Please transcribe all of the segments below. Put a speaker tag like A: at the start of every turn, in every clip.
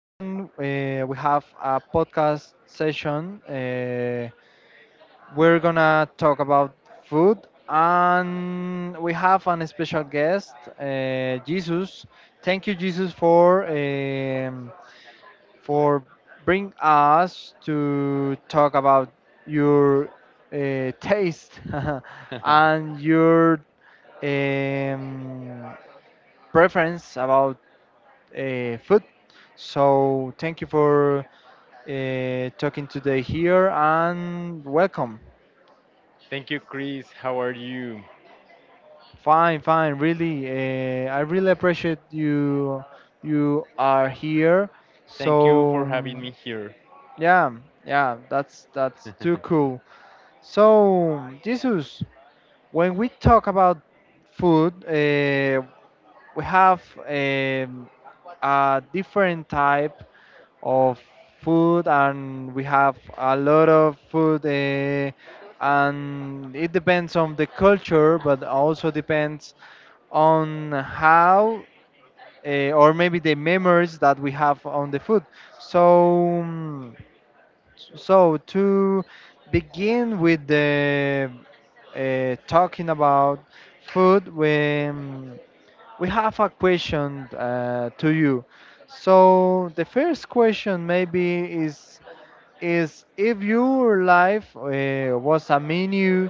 A: We have a podcast session. We're gonna talk about food, and we have an special guest, Jesus. Thank you, Jesus, for for bring us to talk about your taste and your um, preference about food. So thank you for talking today here and welcome.
B: Thank you, Chris. How are you?
A: Fine, fine, really. I really appreciate you. You are here.
B: Thank you
A: So
B: for having me here.
A: yeah, yeah, that's too cool. So Jesus, when we talk about food, we have a different type of food and we have a lot of food, and it depends on the culture but also depends on how, or maybe the memories that we have on the food. So mm, so to begin with the, talking about food, when we have a question to you. So the first question maybe is if your life, was a menu,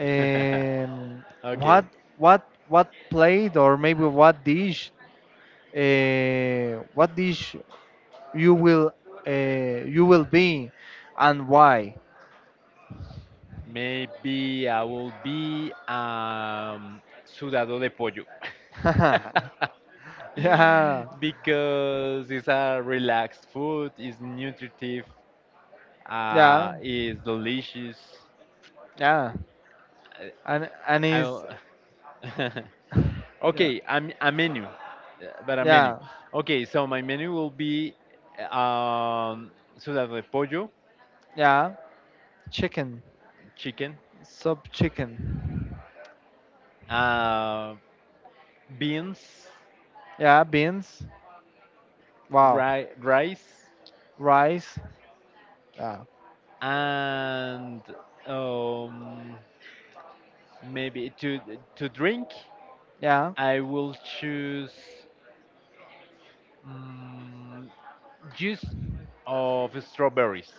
A: um,
B: Okay.
A: what what plate, or maybe what dish you will, you will be, and why?
B: Maybe I will be sudado de pollo.
A: Yeah,
B: Because it's a relaxed food, it's nutritive,
A: yeah,
B: it's delicious.
A: yeah, and is
B: I, I
A: yeah,
B: Okay, I'm a menu, but a menu.
A: yeah,
B: Okay, so my menu will be um, ciudad de pollo,
A: yeah, chicken,
B: chicken,
A: sub chicken,
B: uh, beans,
A: yeah, beans, wow,
B: rice,
A: rice, yeah,
B: and um, maybe to drink.
A: yeah.
B: I will choose mm juice of strawberries,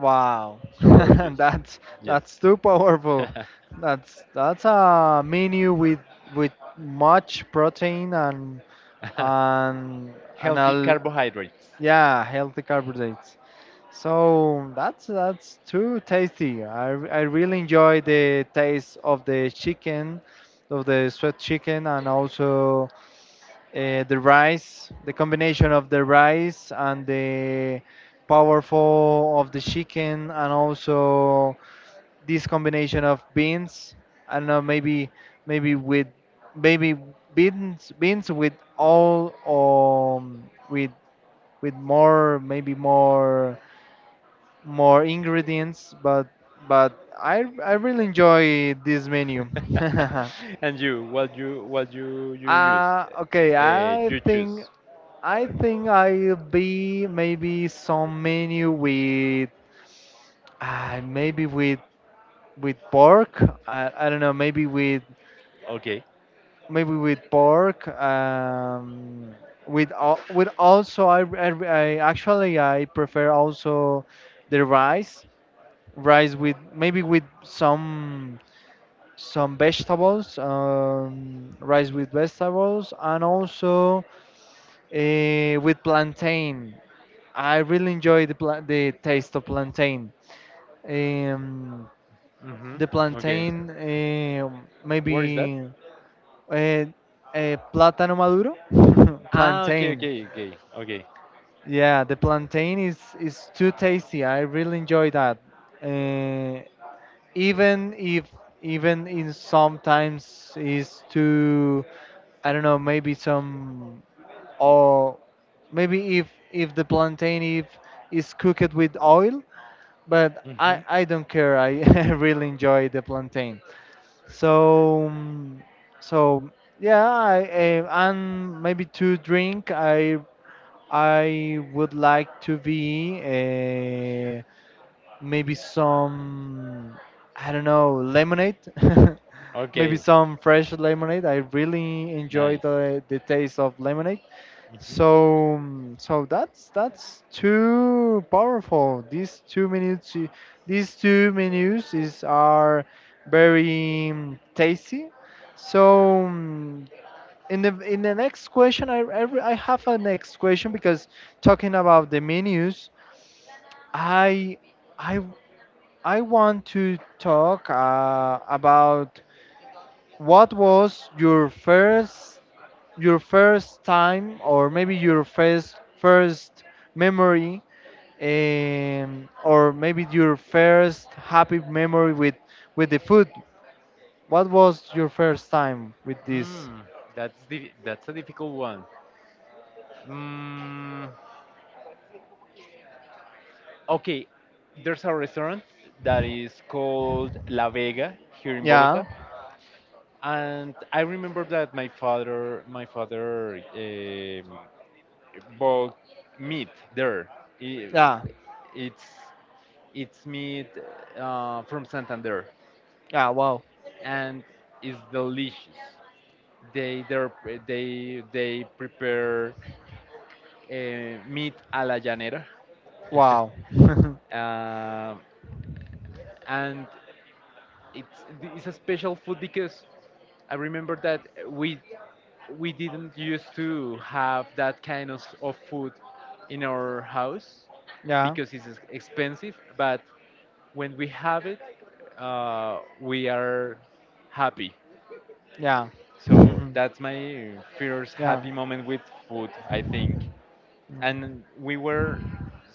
A: Wow,
B: strawberry juice.
A: that's
B: Yes,
A: too powerful. That's a menu with much protein and and and
B: healthy
A: a,
B: carbohydrates.
A: yeah, healthy carbohydrates. So that's too tasty. I really enjoy the taste of the chicken, of the sweet chicken, and also the rice, the combination of the rice and the powerful of the chicken, and also this combination of beans. I don't know, maybe maybe with maybe beans with all with more maybe more more ingredients, but I really enjoy this menu.
B: And you, what you use?
A: Okay,
B: You choose.
A: I think I'll be maybe some menu with, maybe with pork. I don't know.
B: Okay.
A: Maybe with pork. With with also I actually I prefer also the rice rice with maybe with some vegetables, rice with vegetables, and also with plantain. I really enjoy the the taste of plantain. Um,
B: Mhm.
A: the
B: Okay.
A: plantain,
B: Where is that?
A: maybe uh, plátano maduro,
B: Ah, okay,
A: plantain.
B: okay, okay, okay.
A: Yeah, the plantain is too tasty. I really enjoy that. Uh, even if even in sometimes is too, I don't know, maybe some, or maybe if the plantain if is cooked with oil, but
B: Mhm.
A: I don't care. I really enjoy the plantain. So mm, so yeah, and maybe to drink, I would like to be, maybe some, I don't know, lemonade. Maybe
B: Okay.
A: some fresh lemonade. I really enjoy
B: Nice.
A: the taste of lemonade.
B: Mhm.
A: So that's too powerful. These two menus, these two menus is are very, tasty. So, mm, in the next question, I have a next question because talking about the menus, I I I want to talk about what was your first, your first time, or maybe your first memory, or maybe your first happy memory with the food. What was your first time with this?
B: Mm, that's a difficult one. Mm, okay, there's a restaurant that is called La Vega here in
A: Yeah,
B: Bogota, and I remember that my father bought meat there. I-
A: yeah,
B: It's it's meat from Santander,
A: yeah, wow,
B: and it's delicious. They they're- they prepare meat a la llanera,
A: wow,
B: uh, and It's it's a special food because I remember that we didn't used to have that kind of food in our house
A: yeah,
B: because it's expensive. But when we have it, we are happy.
A: yeah.
B: So
A: Mhm.
B: that's my first
A: Yeah.
B: happy moment with food, I think.
A: mm,
B: And we were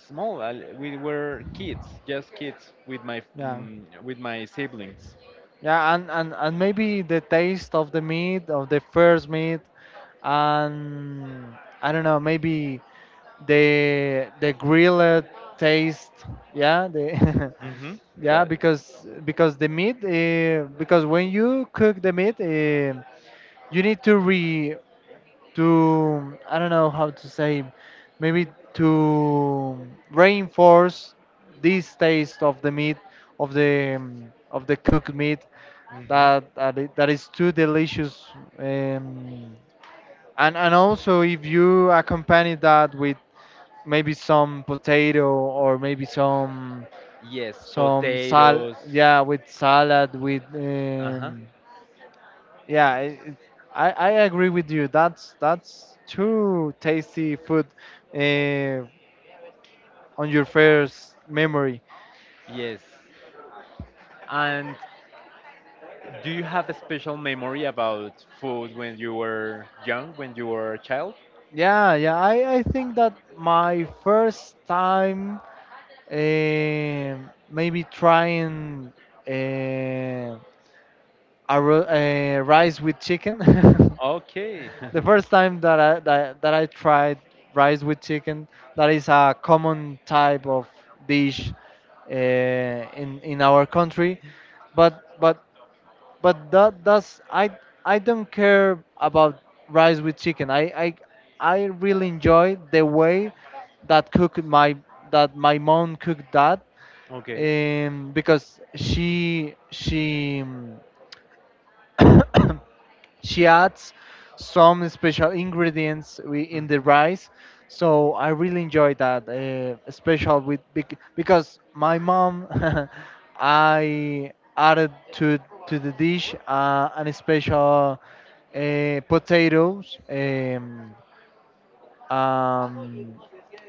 B: small. We were kids, just kids with my
A: yeah,
B: mm, with my siblings.
A: yeah, and, and maybe the taste of the meat, of the first meat, and I don't know, maybe the grilled taste. Yeah, the
B: Hmm.
A: yeah,
B: That.
A: because the meat, because when you cook the meat, you need to re, to, I don't know how to say, maybe to reinforce this taste of the meat, of the, of the cooked meat,
B: Hmm.
A: that is too delicious. um, and also if you accompany that with maybe some potato, or maybe some
B: Yes,
A: some sal,
B: potatoes.
A: yeah, with salad with,
B: Uh-huh.
A: yeah, I agree with you, that's too tasty food, uh, on your first memory.
B: Yes. And do you have a special memory about food when you were young, when you were a child?
A: Yeah, yeah, I think that my first time, maybe trying, uh, a, rice with chicken.
B: Okay.
A: The first time that that I tried rice with chicken, that is a common type of dish, in our country, but but but that does, I don't care about rice with chicken. I really enjoy the way that cook my, that my mom cooked that,
B: Okay.
A: because she um, she adds some special ingredients in the
B: Mm-hmm.
A: rice, so I really enjoy that, special with, because my mom I added to the dish, an special, potatoes, um,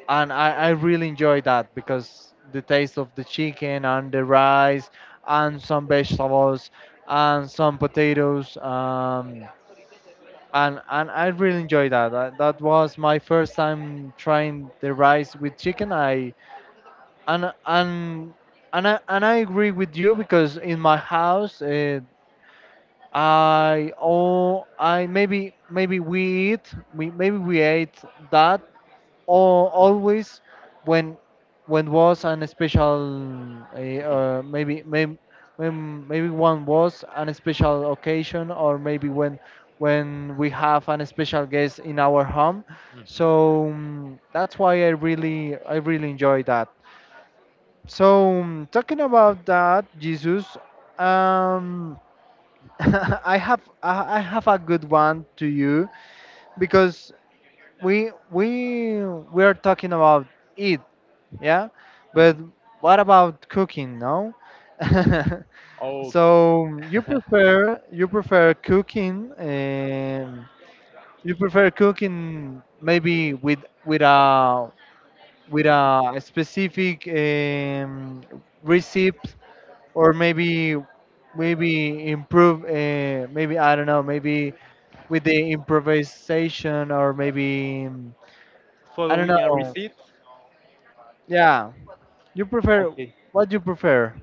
A: and I really enjoy that because the taste of the chicken and the rice and some vegetables and some potatoes. And I really enjoyed that. That was my first time trying the rice with chicken. I and and and and I agree with you because in my house, I oh I maybe maybe we eat we maybe we ate that, or always when when was an special, maybe maybe when, maybe one was an special occasion, or maybe when we have an special guest in our home.
B: Mm-hmm.
A: That's why I really, I really enjoy that. Talking about that, Jesus, um I have a good one to you because we are talking about eat, yeah, but
B: Mm-hmm.
A: what about cooking? No.
B: Oh,
A: So you prefer, you prefer cooking, you prefer cooking, maybe with, with a with a specific, receipt, or maybe, maybe improve, maybe I don't know, maybe with the improvisation, or maybe, I don't
B: following a
A: know.
B: receipt?
A: Yeah. You prefer
B: Okay.
A: what you prefer.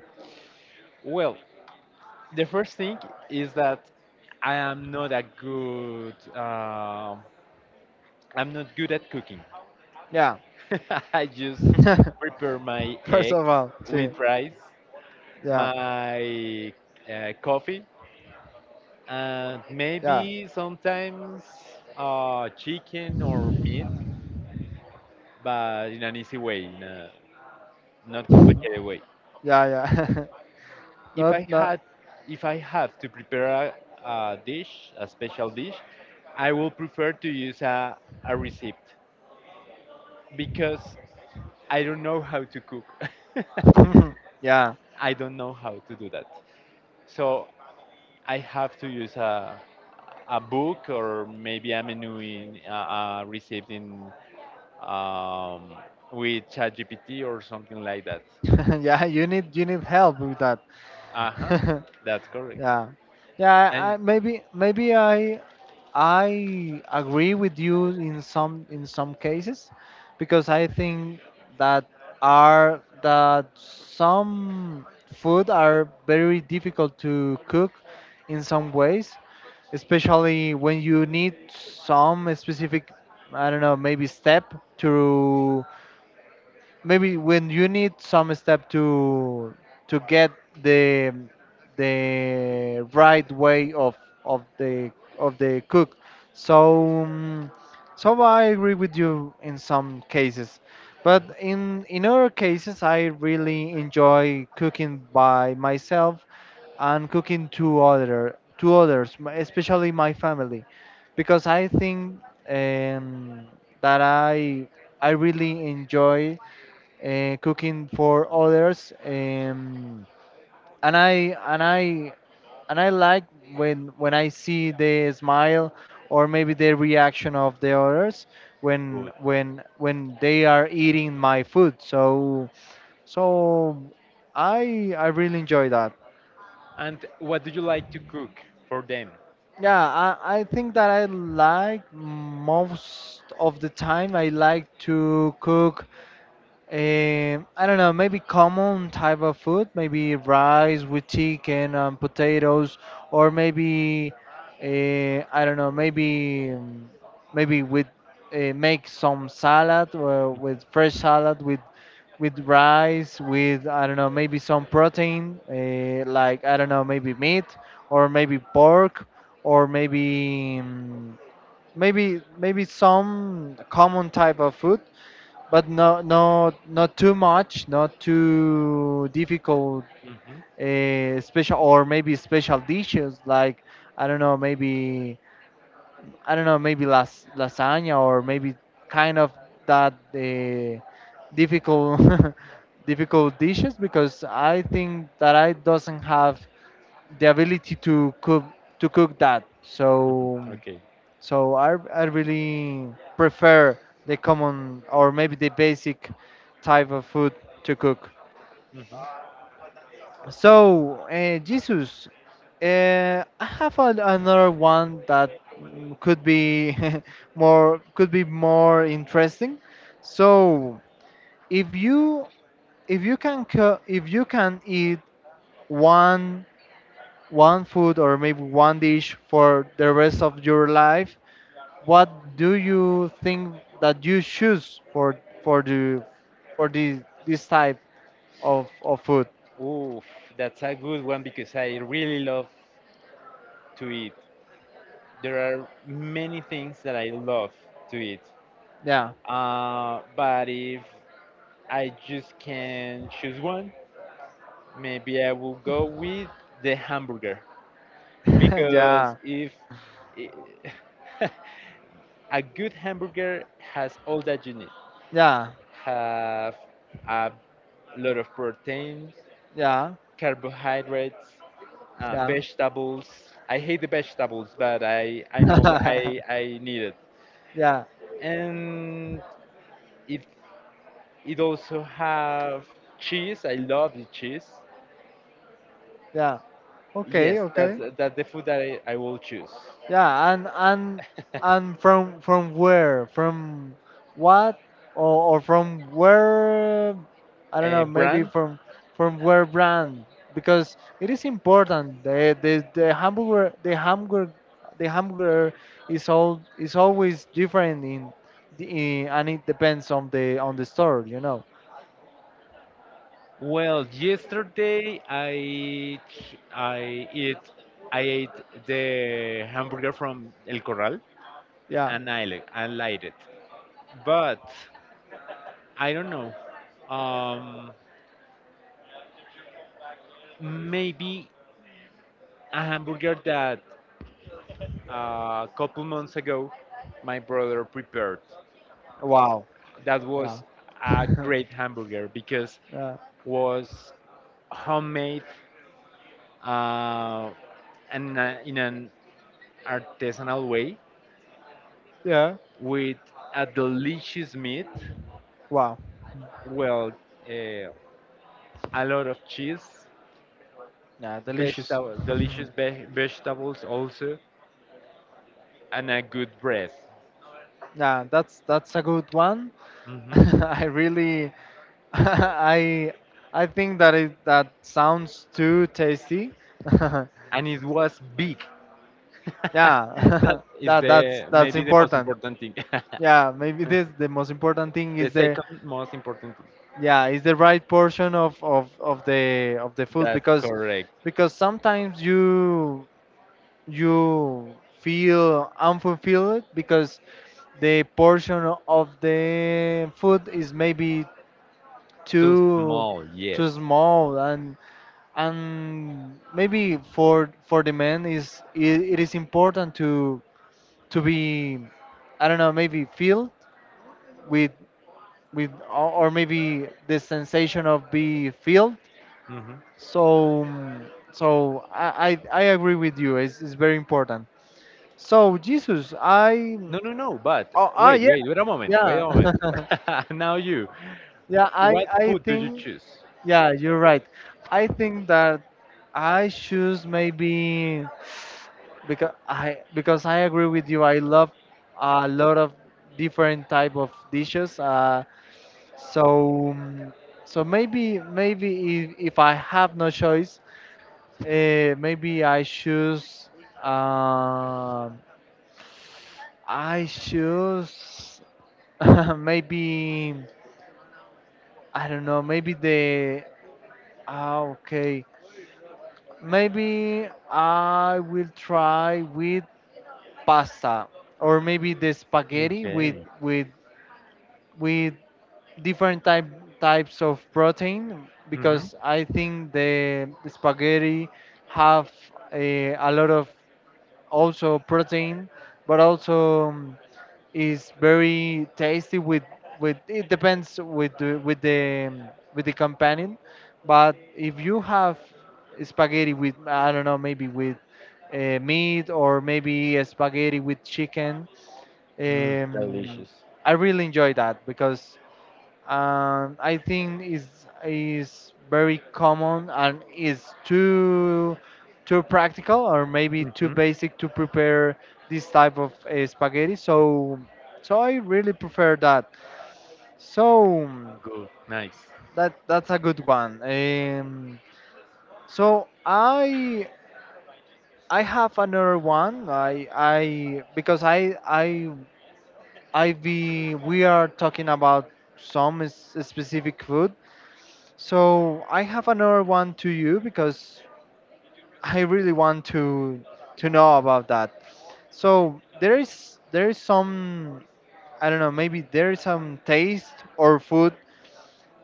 B: Well, the first thing is that I am not a good. I'm not good at cooking.
A: Yeah.
B: I just prepare my
A: First of
B: eggs
A: all, see.
B: with rice,
A: Yeah.
B: my coffee, and
A: Yeah.
B: maybe sometimes chicken or meat, but in an easy way, in a not complicated way.
A: Yeah. Yeah.
B: If I
A: not not.
B: had, if I have to prepare a dish, a special dish, I will prefer to use a receipt because I don't know how to cook.
A: Yeah.
B: I don't know how to do that. So I have to use a book or maybe a menu in received in um, with ChatGPT or something like that.
A: Yeah. You need, you need help with that.
B: Uh huh, that's correct.
A: Yeah. Yeah.
B: And
A: I maybe maybe I agree with you in some, in some cases, because I think that are that some food are very difficult to cook in some ways, especially when you need some specific, I don't know, maybe step to, maybe when you need some step to get the the right way of the of the cook. so um, so I agree with you in some cases, but in other cases I really enjoy cooking by myself, and cooking to other to others, especially my family, because I think, um, that I really enjoy, cooking for others, and i and i and I like when I see the smile, or maybe the reaction of the others, when
B: good.
A: when they are eating my food. So so I really enjoy that.
B: And what do you like to cook for them?
A: Yeah, I think that I like most of the time, I like to cook. I don't know, maybe common type of food, maybe rice with chicken and potatoes, or maybe, I don't know, maybe, maybe with, make some salad, or with fresh salad with rice with, I don't know, maybe some protein, like I don't know, maybe meat, or maybe pork, or maybe, maybe maybe some common type of food, but no, not not too much, not too difficult.
B: Hmm.
A: Special or maybe special dishes like, I don't know, maybe, I don't know, maybe las lasagna, or maybe kind of that, difficult, difficult dishes, because I think that I doesn't have the ability to cook, to cook that.
B: Hmm.
A: So
B: Okay.
A: so I really prefer the common, or maybe the basic type of food to cook.
B: Mm-hmm.
A: So, Jesus, I have a, another one that, could be more, could be more interesting. So, if you, if you can eat one, one food, or maybe one dish for the rest of your life, what do you think that you choose for the, for the this type of food?
B: Oof, that's a good one because I really love to eat. There are many things that I love to eat.
A: Yeah,
B: But if I just can choose one, maybe I will go with the hamburger because
A: yeah,
B: if a good hamburger has all that you need,
A: yeah,
B: have a lot of protein,
A: yeah,
B: carbohydrates,
A: yeah,
B: vegetables. I hate the vegetables, but I know that I need it.
A: yeah,
B: And if it also have cheese, I love the cheese.
A: yeah. Okay,
B: Yes, that's
A: okay.
B: that's the food that I will choose.
A: Yeah, and and from where? From what? Or from where? I don't know. Maybe
B: Brand?
A: from where brand? Because it is important. The the hamburger is all is always different in, and it depends on the, on the store. You know.
B: Well, yesterday I ch- I eat I ate the hamburger from El Corral
A: Yeah.
B: and I liked it, but I don't know. Um, Maybe a hamburger that a couple months ago my brother prepared.
A: Wow.
B: That
A: Yeah.
B: was a great hamburger because
A: Yeah.
B: was homemade uh, and in an artisanal way
A: Yeah.
B: with a delicious meat.
A: Wow.
B: Well, uh, a lot of cheese,
A: Yeah. Delicious.
B: vegetable, delicious vegetables also, and a good bread.
A: Yeah. That's a good one.
B: Hmm.
A: I really, I, I think that it that sounds too tasty. Yeah,
B: And it was big. That
A: that
B: is
A: that's
B: the
A: that's
B: maybe the most
A: important.
B: important thing.
A: Yeah, maybe this the most important thing
B: The
A: is the
B: second most important thing.
A: yeah is the right portion of the food
B: That's correct.
A: because sometimes you feel unfulfilled because the portion of the food is maybe
B: Too
A: too
B: small,
A: too
B: yes.
A: small and maybe for the men is it is important to be I don't know, maybe filled with or maybe the sensation of be filled.
B: Hmm.
A: so mm, I agree with you, it's very important. So jesus I
B: No, no, no. But
A: oh
B: wait,
A: yeah,
B: wait, wait a moment. Wait
A: yeah.
B: a moment. Now you.
A: yeah i
B: What
A: i
B: food do you
A: think
B: choose?
A: yeah, you're right. I think that I choose maybe because I agree with you. I love a lot of different type of dishes. So mm, so maybe if I have no choice, maybe um I choose, maybe, I don't know. Okay, maybe I will try with pasta, or maybe the spaghetti with
B: Okay.
A: with with different types of protein,
B: Mhm.
A: because I think the spaghetti have a lot of also protein, but also is very tasty with it depends with with the companion. But if you have spaghetti with, I don't know, maybe with meat, or maybe a spaghetti with chicken,
B: Mm.
A: um,
B: Delicious.
A: I really enjoy that because I think is very common and is too practical, or maybe too
B: Mhm.
A: basic to prepare this type of spaghetti. So I really prefer that. So
B: Good. Nice.
A: that 's a good one. So I I have another one. I because I be we are talking about some specific food. So I have another one to you because I really want to know about that. So there is some, I don't know, maybe there is some taste or food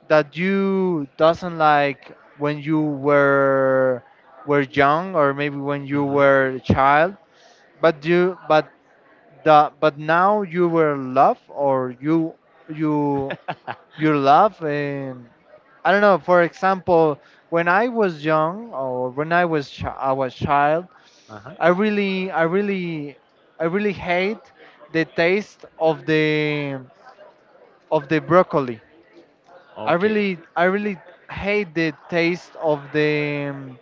A: that you doesn't like when you were young, or maybe when you
B: Mhm.
A: were a child, but you but but now you were love, or you your love. I don't know. For example, when I was young, or when I was I was child,
B: Uh huh.
A: I really, I really, I really hate the taste of the broccoli.
B: Okay.
A: I really hate the taste of the.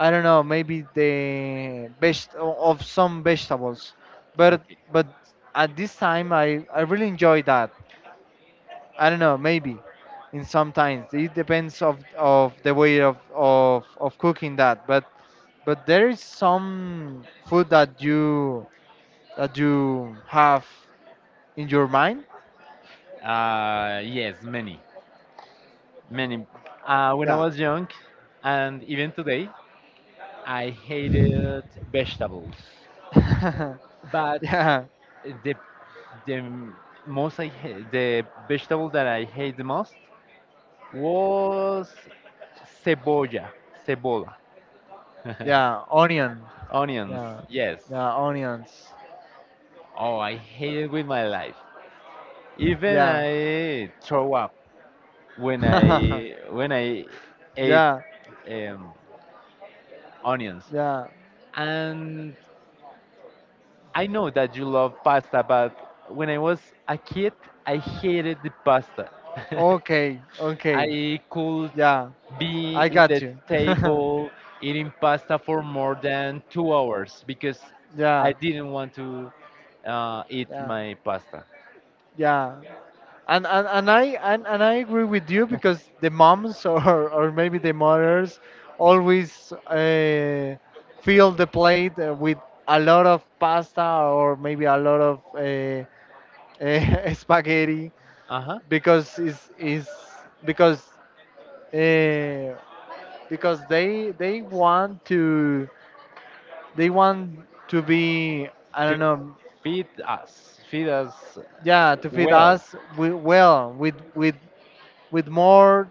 A: I don't know, maybe the best of some vegetables, but
B: Okay.
A: but at this time I really enjoy that. I don't know, maybe in sometimes it depends of the way of cooking that. But there is some food that you have in your mind.
B: Yes, many, many. When I
A: Yeah.
B: was young, and even today, I hated vegetables. But
A: yeah,
B: the the most I hate, the vegetable that I hate the most was cebolla, cebola,
A: yeah, onion.
B: onions.
A: Yeah,
B: Yes.
A: yeah, onions.
B: Oh, I hate it with my life. Even
A: Yeah,
B: I throw up when I when I ate
A: yeah,
B: um, onions.
A: yeah.
B: And I know that you love pasta, but when I was a kid, I hated the pasta.
A: Okay, okay.
B: I could
A: Yeah,
B: be
A: I
B: in
A: got
B: the
A: you.
B: table eating pasta for more than 2 hours because I
A: yeah,
B: didn't want to eat
A: yeah,
B: my pasta.
A: yeah. And I agree with you because the moms or maybe the mothers always fill the plate with a lot of pasta, or maybe a lot of spaghetti,
B: Uh huh.
A: because is because uh, because they want to they want to be, I
B: To
A: don't know,
B: feed us
A: yeah, to feed
B: well.
A: us well with more,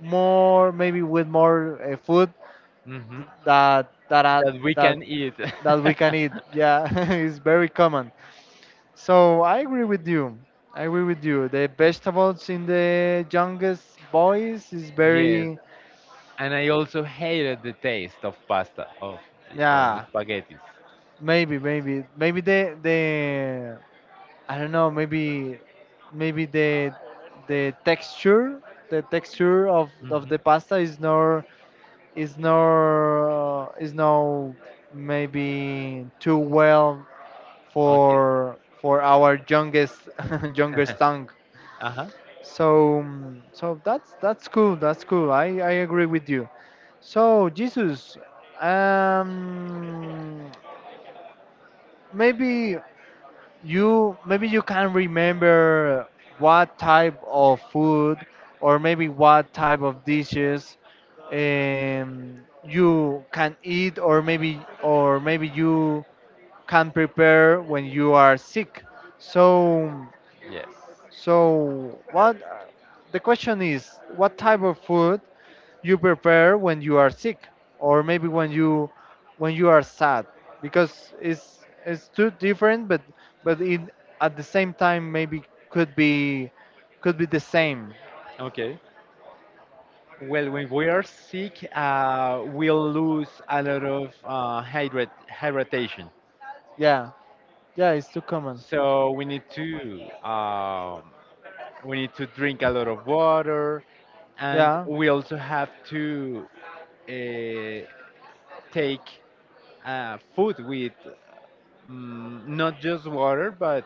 A: more, maybe with more food
B: Hmm.
A: that
B: That we can eat.
A: that we can eat. Yeah, it's very common. So I agree with you. I agree with you. The vegetables in the youngest boys is
B: Yes,
A: very,
B: and I also hated the taste of pasta of
A: yeah.
B: spaghetti.
A: Maybe maybe the I don't know. Maybe the texture, the texture of
B: Hmm.
A: the pasta is not, is is no, maybe too well
B: Okay.
A: for our youngest youngest tongue.
B: Uh huh.
A: So that's cool. That's cool. I agree with you. So Jesus, um, maybe you, maybe you can remember what type of food, or maybe what type of dishes, you can eat, or maybe you can prepare when you are sick. so
B: Yes.
A: so what, the question is, what type of food you prepare when you are sick, or maybe when you are sad, because it's too different, but in at the same time maybe could be, could be the same.
B: Okay. Well, when we are sick, we'll lose a lot of hydratation.
A: Yeah, yeah, it's too common.
B: So we need to drink a lot of water, and
A: Yeah,
B: we also have to uh, take food with not just water but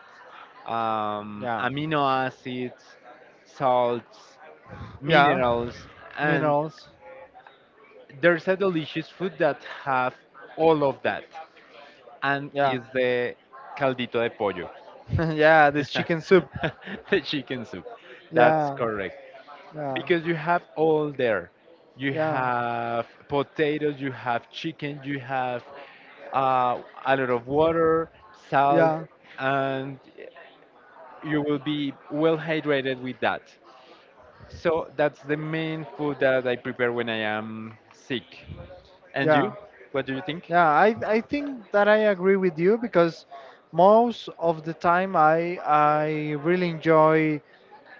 A: yeah,
B: amino acids, salts,
A: yeah,
B: minerals, and
A: minerals,
B: there's a delicious food that have all of that, and
A: yeah,
B: is the caldito de pollo,
A: yeah, this chicken soup,
B: the chicken soup. That's
A: yeah,
B: correct.
A: yeah,
B: Because you have all there. You
A: yeah,
B: have potatoes, you have chicken, you have a lot of water, salt,
A: yeah,
B: and you will be well hydrated with that. So that's the main food that I prepare when I am sick. And
A: yeah.
B: you? What do you think?
A: Yeah, I think that I agree with you, because most of the time I really enjoy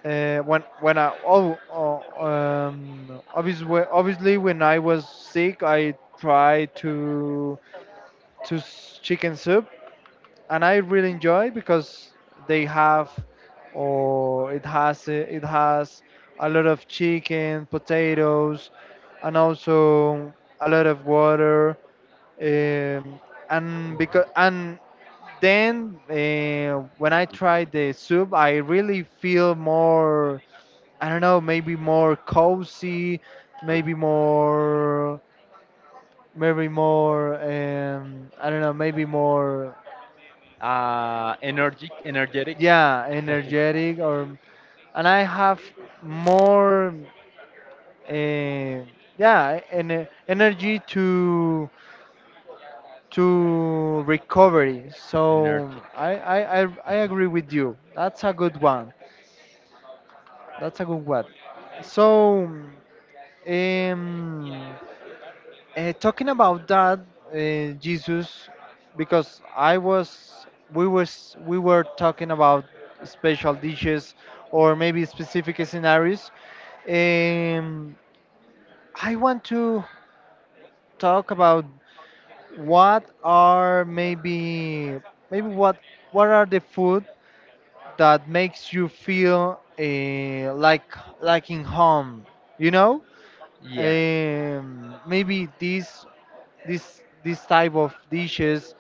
A: when I, obviously, obviously when I was sick I tried to chicken soup, and I really enjoy because they have or it has a lot of chicken, potatoes, and also a lot of water, um, and because and then when I tried the soup, I really feel more. I don't know, maybe more cozy,
B: Hola.
A: maybe more, maybe more. I don't know, maybe more.
B: Energetic, energetic,
A: Yeah, energetic or, and I have more. Uh, yeah, energy to recovery.
B: energetic.
A: So I agree with you. That's a good one. That's a good one. So, um, talking about that, Jesus, because I was, we were talking about special dishes, or maybe specific scenarios. Um, I want to talk about what are, maybe maybe what what are the food that makes you feel like in home. You know,
B: Yeah.
A: maybe these this, this type of dishes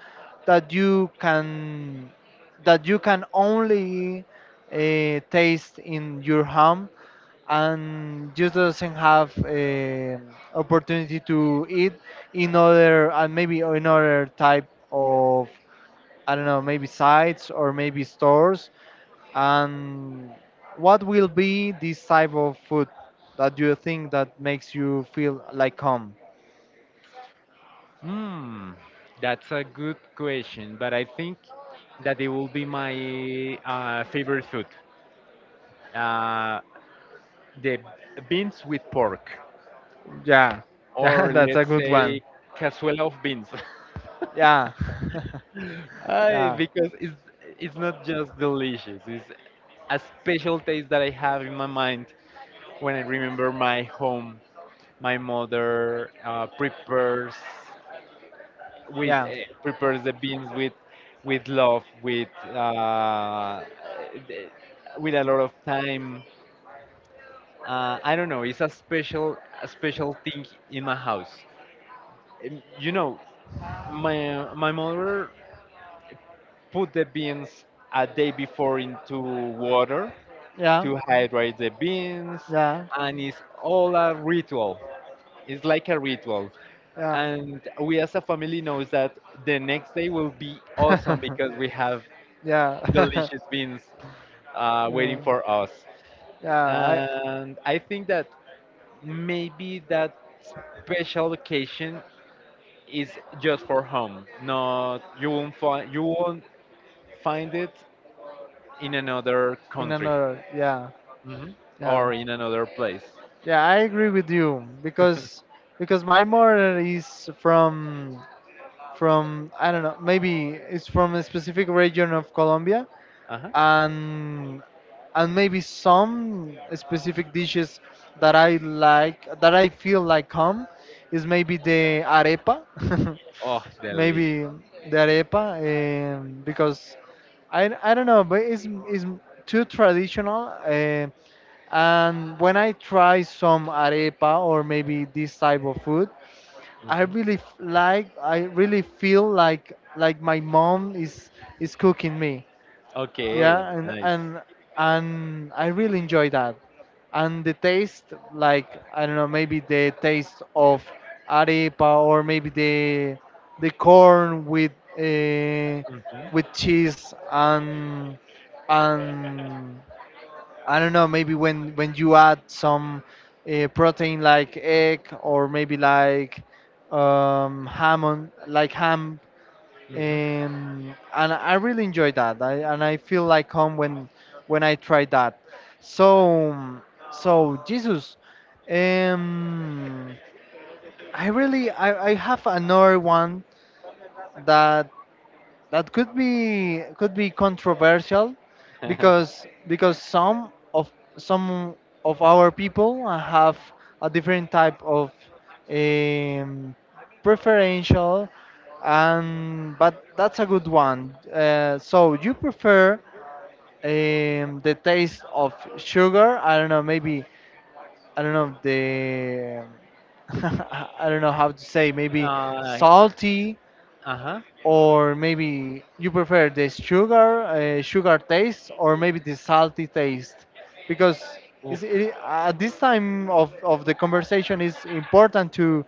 A: that you can, that you can only taste in your home, and you doesn't have a opportunity to eat in other, and maybe in other type of, I don't know, maybe sites, or maybe stores, and what will be this type of food that you think that makes you feel like home?
B: Hmm, that's a good question, but I think that it will be my favorite food. Uh, the beans with pork,
A: Yeah, yeah,
B: or
A: that's a
B: let's
A: good one.
B: say cazuela of beans.
A: Yeah,
B: I,
A: yeah,
B: because it's not just delicious, it's a special taste that I have in my mind when I remember my home. My mother with
A: yeah,
B: uh, prepares the beans with love, with uh, th- with a lot of time. I don't know. It's a special thing in my house. Um, You know, my mother put the beans a day before into water
A: yeah,
B: to hydrate the beans,
A: yeah,
B: and it's all a ritual. It's like a ritual.
A: yeah,
B: And we as a family knows that the next day will be awesome because we have
A: yeah.
B: delicious beans waiting
A: Mm,
B: for us.
A: yeah. I,
B: And I think that maybe that special occasion is just for home. No, you won't find it in another
A: in
B: country.
A: another, yeah,
B: Mhm.
A: yeah,
B: Or in another place.
A: yeah. I agree with you because my mother is from, I don't know, maybe it's from a specific region of Colombia,
B: Uh-huh.
A: and maybe some specific dishes that I like, that I feel like home, is maybe the arepa,
B: Oh, delicious.
A: maybe the arepa, because I don't know, but it's too traditional, and when I try some arepa, or maybe this type of food, I
B: Mhm.
A: really I really feel like my mom is cooking me.
B: Okay,
A: Yeah, and
B: nice.
A: I really enjoy that, and the taste, like, I don't know, maybe the taste of arepa, or maybe the corn uh,
B: Mhm.
A: with cheese, and and I don't know, maybe when you add some protein like egg, or maybe like ham on, like ham,
B: Mhm.
A: and I really enjoy that. And I feel like home when I try that. So so Jesus, um, I have another one that that could be, could be controversial, because some of our people have a different type of um, preferential, and but that's a good one. So you prefer, the taste of sugar, I don't know, maybe, I don't know, the I don't know how to say, maybe
B: uh,
A: salty,
B: uh-huh.
A: or maybe you prefer the sugar, sugar taste, or maybe the salty taste, because
B: Oof.
A: it's, it, at this time of the conversation, it's important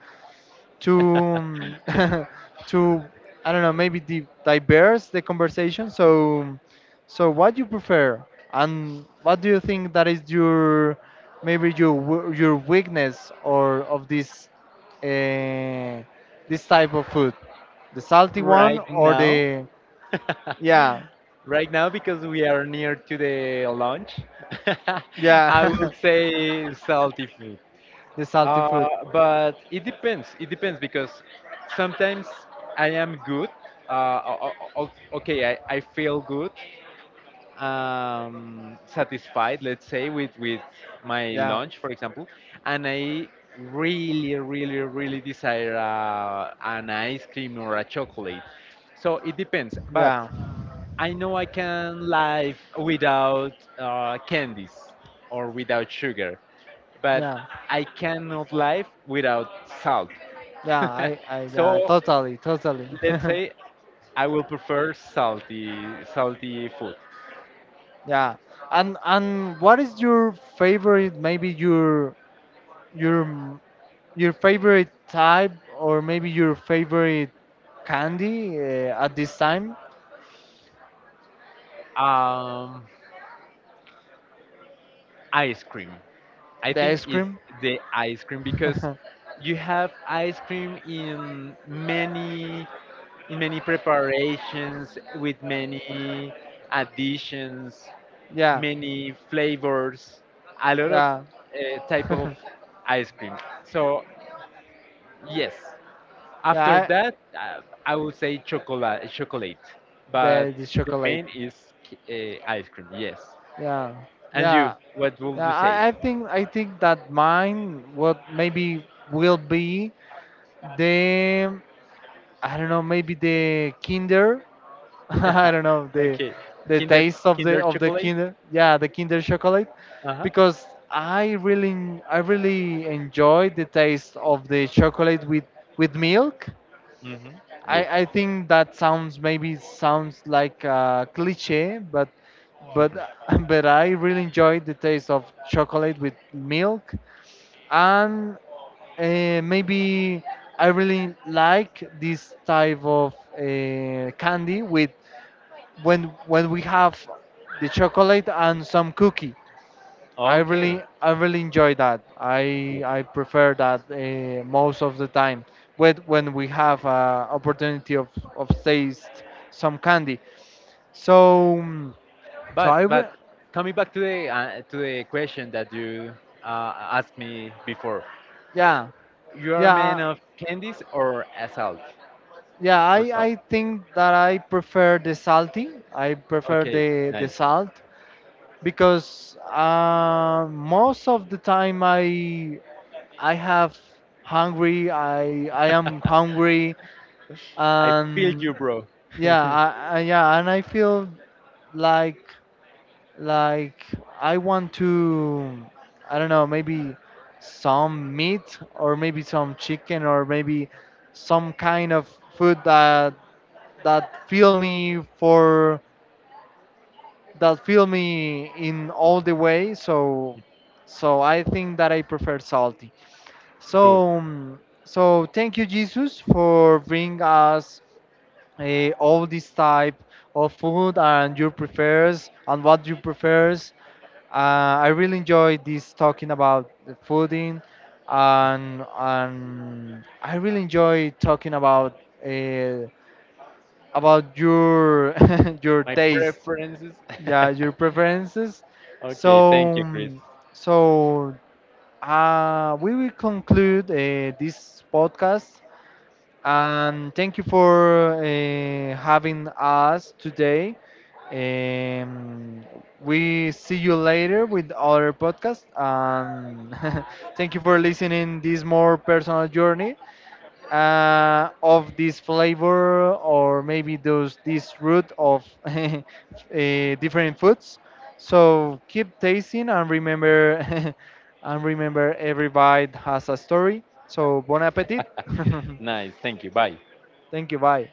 A: to to, I don't know, maybe diverse the conversation. So what you prefer, and what do you think that is your, maybe your your weakness, or of this uh, this type of food, the salty one
B: Right
A: or
B: now.
A: the, yeah,
B: Right now because we are near to the launch. I
A: yeah,
B: will say salty food.
A: the salty
B: Uh,
A: food.
B: but it depends. It depends because sometimes I am good. Uh, o- okay, I feel good satisfied, let's say, with my
A: Yeah,
B: lunch, for example, and I really, really, really desire an ice cream or a chocolate. So it depends, but
A: yeah,
B: I know I can live without candies or without sugar, but
A: yeah,
B: I cannot live without salt.
A: yeah, I yeah,
B: So
A: totally, totally.
B: let's say I will prefer salty, salty food.
A: Yeah, and what is your favorite? Maybe your your m- your favorite type, or maybe your favorite candy at this time?
B: Um, Ice cream. I
A: The
B: think
A: ice
B: it's
A: cream.
B: the ice cream because you have ice cream in many preparations with many additions,
A: yeah,
B: many flavors, a lot of
A: yeah,
B: type of ice cream. So yes, after
A: yeah.
B: that I would say chocolate, chocolate, but
A: The
B: the
A: chocolate.
B: main is ice cream. Yes.
A: Yeah,
B: And you,
A: yeah,
B: what would you
A: yeah.
B: say?
A: I think that mine, what maybe, will be the, I don't know, maybe the Kinder, I don't know,
B: Okay.
A: the
B: Kinder
A: taste
B: Kinder
A: of the
B: chocolate.
A: Kinder, yeah, the Kinder chocolate,
B: Uh huh.
A: because I really enjoy the taste of the chocolate with milk.
B: Mhm.
A: I
B: Good.
A: think that sounds, maybe sounds like a cliche, but but
B: Mhm.
A: but I really enjoy the taste of chocolate with milk, and maybe I really like this type of candy with, when we have the chocolate and some cookie.
B: Okay,
A: I really enjoy that. I
B: good.
A: prefer that most of the time. When we have opportunity of taste some candy. So mm, so I
B: But
A: re-
B: coming back to the question that you asked me before,
A: yeah,
B: you are a
A: yeah,
B: man of candies or a salt
A: yeah, I
B: or salt?
A: think that I prefer the salty. I prefer
B: Okay,
A: the
B: nice.
A: salt because most of the time I have hungry I am hungry,
B: I feel
A: and
B: you, bro.
A: yeah, I, I yeah, and I feel like like I want to, I don't know, maybe some meat, or maybe some chicken, or maybe some kind of food that fill me for, that fill me in all the way. So, so I think that I prefer salty.
B: Good.
A: So, so thank you, Jesus, for bring us all this type of food and your prefers and what you prefers. I really enjoy this talking about the fooding, and I really enjoy talking about your your
B: My
A: taste.
B: preferences.
A: Yeah, your preferences.
B: Okay, thank
A: so
B: you, Chris.
A: mm, so we will conclude this podcast, and thank you for having us today. um, we see you later with other podcast, and thank you for listening this more personal journey of this flavor, or maybe those this root of different foods. So keep tasting, and remember, and remember, every bite has a story. So bon appetit.
B: Nice, thank you. Bye.
A: Thank you. Bye.